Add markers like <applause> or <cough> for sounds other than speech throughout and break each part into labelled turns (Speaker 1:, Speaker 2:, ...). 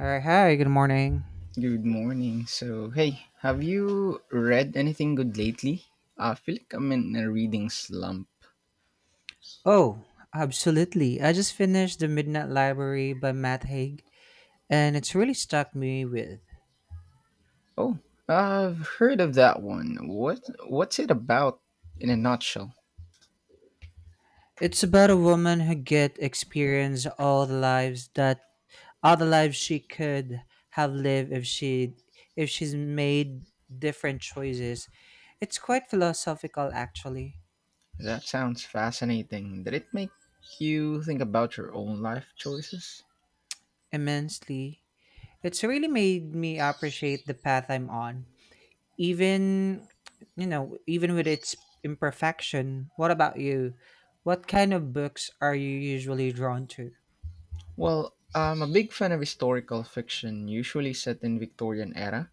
Speaker 1: All right, hi, good morning.
Speaker 2: Good morning. So, hey, have you read anything good lately? I feel like I'm in a reading slump.
Speaker 1: Oh, absolutely. I just finished The Midnight Library by Matt Haig, and it's really stuck me with.
Speaker 2: Oh, I've heard of that one. What's it about in a nutshell?
Speaker 1: It's about a woman who get experience all the lives that all the lives she could have lived if she if she's made different choices. It's quite philosophical actually,
Speaker 2: That sounds fascinating. Did it make you think about your own life choices?
Speaker 1: immensely. It's really made me appreciate the path I'm on, even even with its imperfection. What about you? What kind of books are you usually drawn to?
Speaker 2: Well, I'm a big fan of historical fiction, usually set in Victorian era.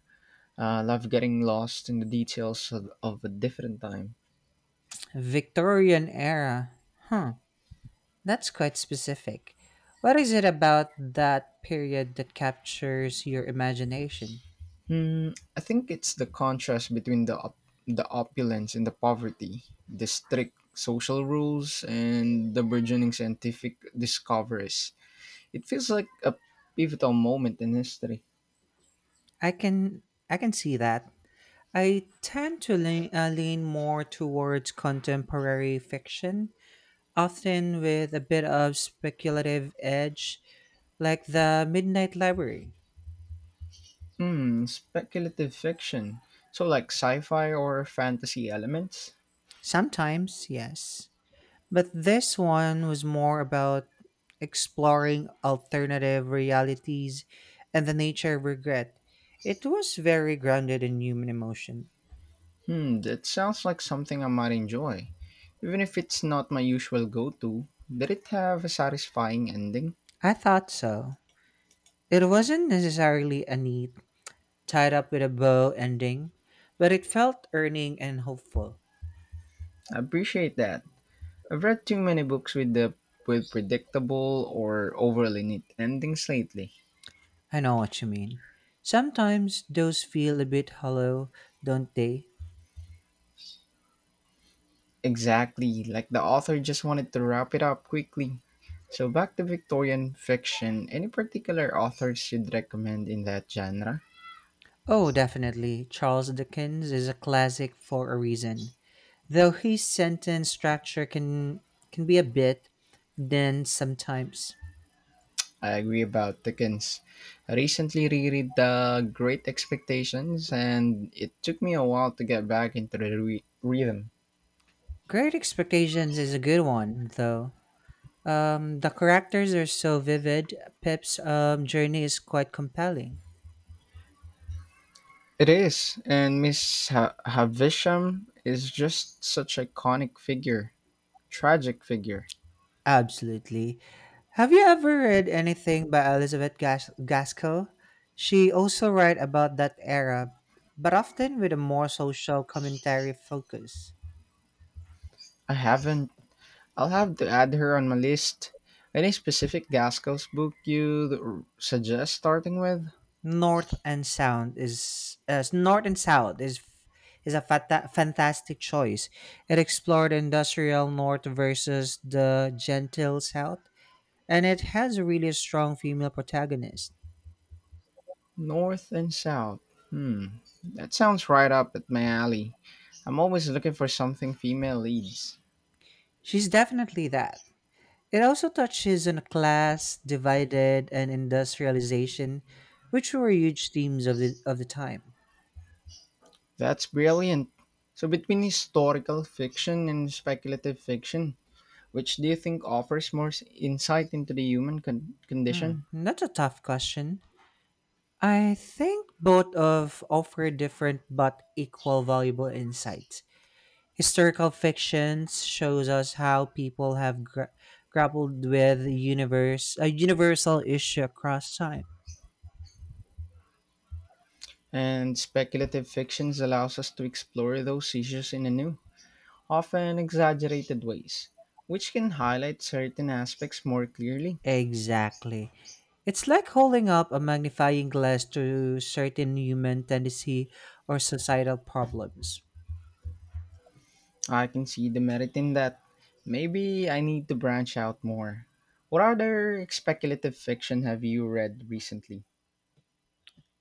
Speaker 2: I love getting lost in the details of a different time.
Speaker 1: Victorian era, huh? That's quite specific. What is it about that period that captures your imagination?
Speaker 2: I think it's the contrast between the the opulence and the poverty, the strict social rules and the burgeoning scientific discoveries. It feels like a pivotal moment in history.
Speaker 1: i can I can see that. I tend to lean, lean more towards contemporary fiction, often with a bit of speculative edge, like the Midnight Library.
Speaker 2: Hmm, speculative fiction. So like sci-fi or fantasy elements?
Speaker 1: Sometimes, yes. But this one was more about exploring alternative realities and the nature of regret. It was very grounded in human emotion.
Speaker 2: Hmm, that sounds like something I might enjoy. Even if it's not my usual go-to, did it have a satisfying ending?
Speaker 1: I thought so. It wasn't necessarily a neat, tied up with a bow ending, but it felt earning and hopeful.
Speaker 2: I appreciate that. I've read too many books with predictable or overly neat endings lately.
Speaker 1: I know what you mean. Sometimes those feel a bit hollow, don't they?
Speaker 2: Exactly, like the author just wanted to wrap it up quickly. So back to Victorian fiction, any particular authors you'd recommend in that genre?
Speaker 1: Oh, definitely. Charles Dickens is a classic for a reason. Though his sentence structure can be a bit dense sometimes.
Speaker 2: I agree about Dickens. I recently reread The Great Expectations and it took me a while to get back into the rhythm.
Speaker 1: Great Expectations is a good one, though. The characters are so vivid. Pip's journey is quite compelling.
Speaker 2: It is, and Miss Havisham is just such an iconic figure. Tragic figure.
Speaker 1: Absolutely. Have you ever read anything by Elizabeth Gaskell? She also writes about that era, but often with a more social commentary focus.
Speaker 2: I haven't. I'll have to add her on my list. Any specific Gaskell's book you'd suggest starting with?
Speaker 1: North and South is a fantastic choice. It explored industrial North versus the gentle South, and it has a really strong female protagonist.
Speaker 2: North and South. Hmm. That sounds right up at my alley. I'm always looking for something female leads.
Speaker 1: She's definitely that. It also touches on class divided and industrialization, which were huge themes of the time.
Speaker 2: That's brilliant. So, between historical fiction and speculative fiction, which do you think offers more insight into the human
Speaker 1: Hmm,
Speaker 2: condition?
Speaker 1: that's a tough question. I think both of offer different but equal valuable insights. Historical fictions shows us how people have grappled with universe a universal issue across time.
Speaker 2: And speculative fictions allows us to explore those issues in a new, often exaggerated ways, which can highlight certain aspects more clearly.
Speaker 1: Exactly. It's like holding up a magnifying glass to certain human tendency or societal problems.
Speaker 2: I can see the merit in that. Maybe I need to branch out more. What other speculative fiction have you read recently?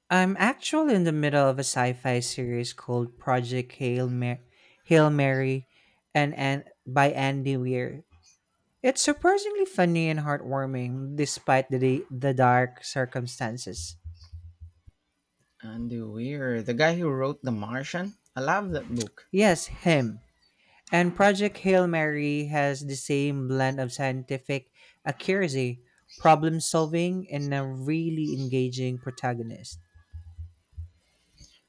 Speaker 1: I'm actually in the middle of a sci-fi series called Hail Mary and by Andy Weir. It's surprisingly funny and heartwarming despite the dark circumstances.
Speaker 2: Andy Weir, the guy who wrote The Martian? I love that book.
Speaker 1: Yes, him. And Project Hail Mary has the same blend of scientific accuracy, problem solving, and a really engaging protagonist.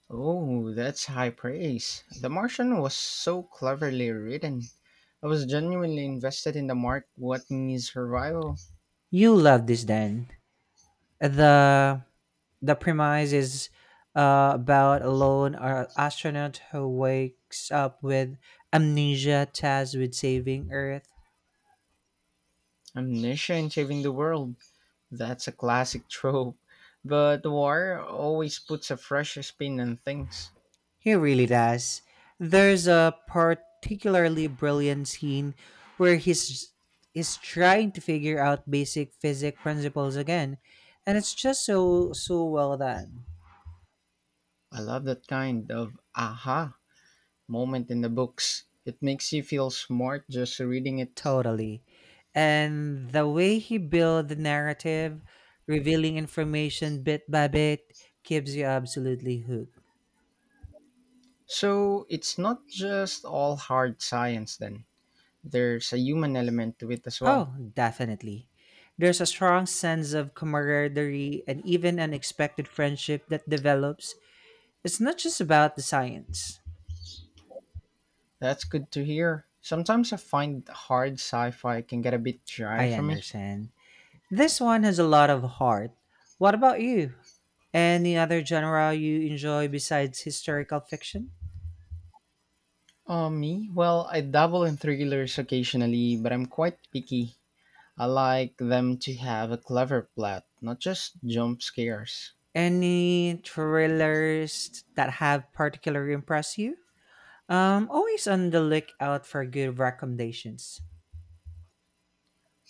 Speaker 2: Oh, that's high praise. The Martian was so cleverly written. I was genuinely invested in the mark what means survival,
Speaker 1: You love this, then. The the premise is about a lone astronaut who wakes up with amnesia, tasked with saving Earth.
Speaker 2: amnesia, and saving the world. That's a classic <laughs> trope, but war always puts a fresh spin on things.
Speaker 1: He really does. There's a particularly brilliant scene where he's is trying to figure out basic physics principles again, and it's just so well done.
Speaker 2: I love that kind of aha moment in the books. It makes you feel smart just reading it.
Speaker 1: Totally. And the way he built the narrative, revealing information bit by bit, keeps you absolutely hooked.
Speaker 2: So it's not just all hard science then. There's a human element to it as well.
Speaker 1: Oh, definitely. There's a strong sense of camaraderie and even unexpected friendship that develops. It's not just about the science.
Speaker 2: That's good to hear. Sometimes I find hard sci-fi can get a bit dry
Speaker 1: I
Speaker 2: for me.
Speaker 1: understand. This one has a lot of heart. What about you? Any other genre you enjoy besides historical fiction?
Speaker 2: Me? Well, I dabble in thrillers occasionally, but I'm quite picky. I like them to have a clever plot, not just jump scares.
Speaker 1: Any thrillers that have particularly impressed you? Always on the lookout for good recommendations.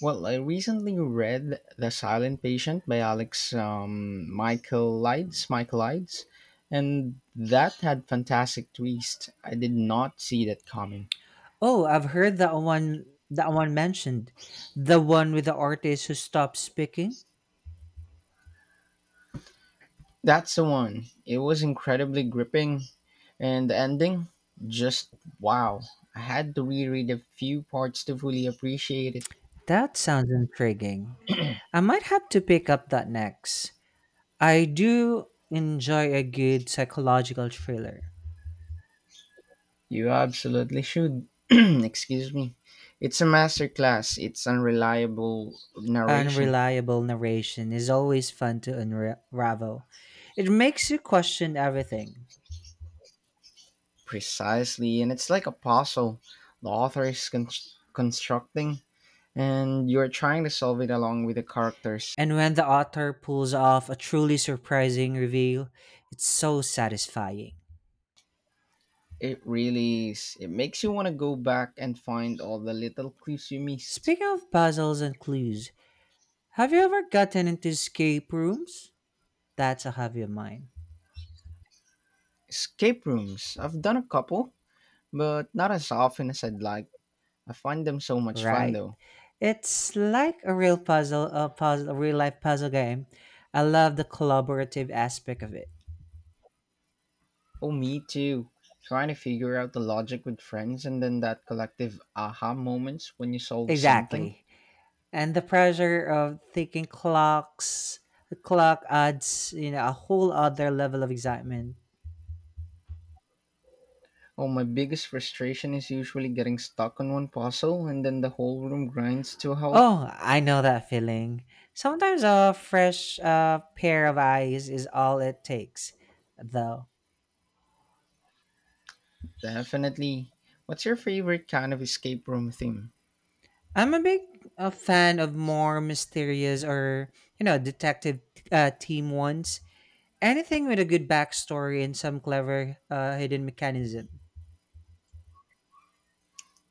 Speaker 2: Well, I recently read The Silent Patient by Alex Michael Lides, Michael Lides, and that had fantastic twist. I did not see that coming.
Speaker 1: Oh, I've heard that one mentioned. The one with the artist who stopped speaking.
Speaker 2: That's the one. It was incredibly gripping, and the ending, just wow. I had to reread a few parts to fully appreciate it.
Speaker 1: That sounds intriguing. I might have to pick up that next. I do enjoy a good psychological thriller.
Speaker 2: You absolutely should. <clears throat> Excuse me. It's a masterclass. It's unreliable narration.
Speaker 1: Unreliable narration is always fun to unravel. It makes you question everything.
Speaker 2: Precisely. And it's like a puzzle. The author is constructing, and you're trying to solve it along with the characters.
Speaker 1: And when the author pulls off a truly surprising reveal, it's so satisfying.
Speaker 2: It really is. It makes you want to go back and find all the little clues you missed.
Speaker 1: Speaking of puzzles and clues, have you ever gotten into escape rooms? That's a hobby of mine.
Speaker 2: Escape rooms. I've done a couple, but not as often as I'd like. I find them so much fun,
Speaker 1: Right.
Speaker 2: though.
Speaker 1: It's like a real puzzle, a real life puzzle game. I love the collaborative aspect of it.
Speaker 2: Oh, me too. Trying to figure out the logic with friends and then that collective aha moments when you solve something.
Speaker 1: Exactly. And the pressure of thinking clock adds, a whole other level of excitement.
Speaker 2: Oh, my biggest frustration is usually getting stuck on one puzzle and then the whole room grinds to a halt.
Speaker 1: Oh, I know that feeling. Sometimes a fresh pair of eyes is all it takes, though.
Speaker 2: Definitely. What's your favorite kind of escape room theme?
Speaker 1: I'm a big fan of more mysterious or, detective team ones. Anything with a good backstory and some clever hidden mechanism.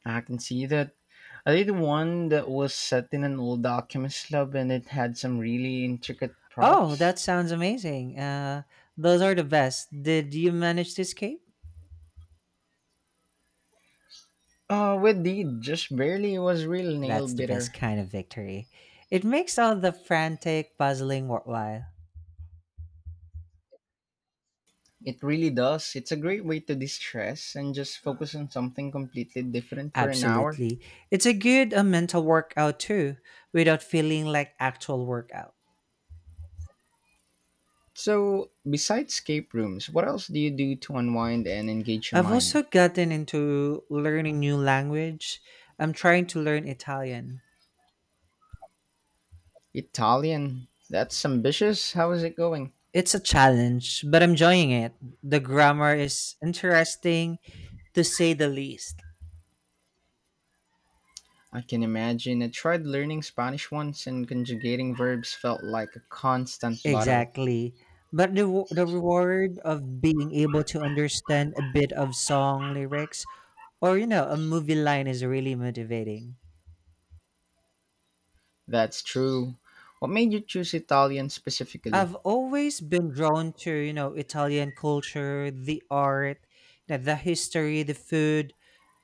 Speaker 2: I can see that. I did one that was set in an old alchemist lab and it had some really intricate
Speaker 1: Oh,
Speaker 2: props.
Speaker 1: that sounds amazing. Those are the best. Did you manage to escape?
Speaker 2: With the just barely was real nail
Speaker 1: That's the best
Speaker 2: biter.
Speaker 1: kind of victory. It makes all the frantic puzzling worthwhile.
Speaker 2: It really does. It's a great way to de-stress and just focus on something completely different for an hour.
Speaker 1: Absolutely. It's a good mental workout too, without feeling like actual workout.
Speaker 2: So, besides escape rooms, what else do you do to unwind and engage your
Speaker 1: I've
Speaker 2: mind?
Speaker 1: also gotten into learning new language. I'm trying to learn Italian.
Speaker 2: Italian. That's ambitious. How is it going?
Speaker 1: It's a challenge, but I'm enjoying it. The grammar is interesting, to say the least.
Speaker 2: I can imagine. I tried learning Spanish once and conjugating verbs felt like a constant battle.
Speaker 1: Exactly. But the reward of being able to understand a bit of song lyrics or, a movie line is really motivating.
Speaker 2: That's true. What made you choose Italian specifically?
Speaker 1: I've always been drawn to, Italian culture, the art, you the history, the food,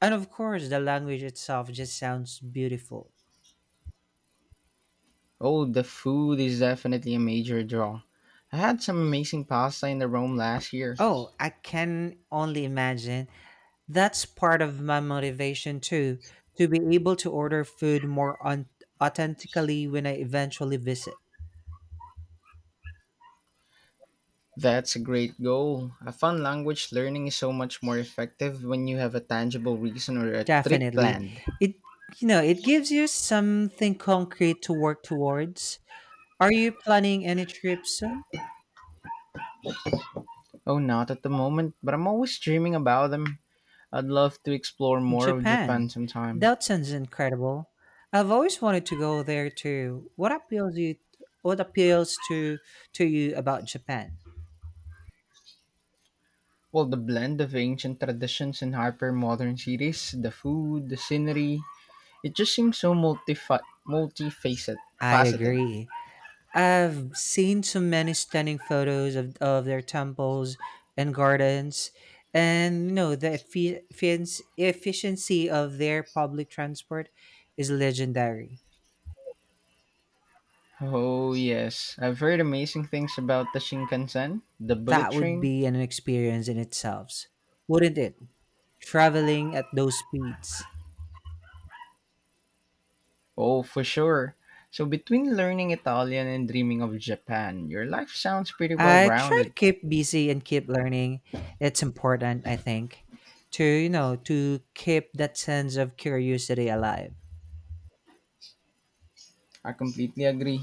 Speaker 1: and of course, the language itself just sounds beautiful.
Speaker 2: Oh, the food is definitely a major draw. I had some amazing pasta in the Rome last year.
Speaker 1: Oh, I can only imagine. That's part of my motivation too, to be able to order food more authentically when I eventually visit.
Speaker 2: That's a great goal. I found language learning is so much more effective when you have a tangible reason or a trip
Speaker 1: Definitely.
Speaker 2: planned.
Speaker 1: It, it gives you something concrete to work towards. Are you planning any trips soon?
Speaker 2: Oh, not at the moment, but I'm always dreaming about them. I'd love to explore more of Japan
Speaker 1: Japan.
Speaker 2: sometime.
Speaker 1: That sounds incredible. I've always wanted to go there too. What appeals to you about Japan?
Speaker 2: Well, the blend of ancient traditions and hyper-modern cities, the food, the scenery, it just seems so multifaceted.
Speaker 1: I
Speaker 2: Faceted.
Speaker 1: agree. I've seen so many stunning photos of their temples and gardens, and the efficiency of their public transport is legendary.
Speaker 2: Oh yes, I've heard amazing things about the Shinkansen, the bullet
Speaker 1: That would
Speaker 2: train.
Speaker 1: be an experience in itself, wouldn't it? Traveling at those speeds.
Speaker 2: Oh, for sure. So between learning Italian and dreaming of Japan, your life sounds pretty well
Speaker 1: I try to
Speaker 2: rounded.
Speaker 1: keep busy and keep learning. It's important, I think, to to keep that sense of curiosity alive.
Speaker 2: I completely agree.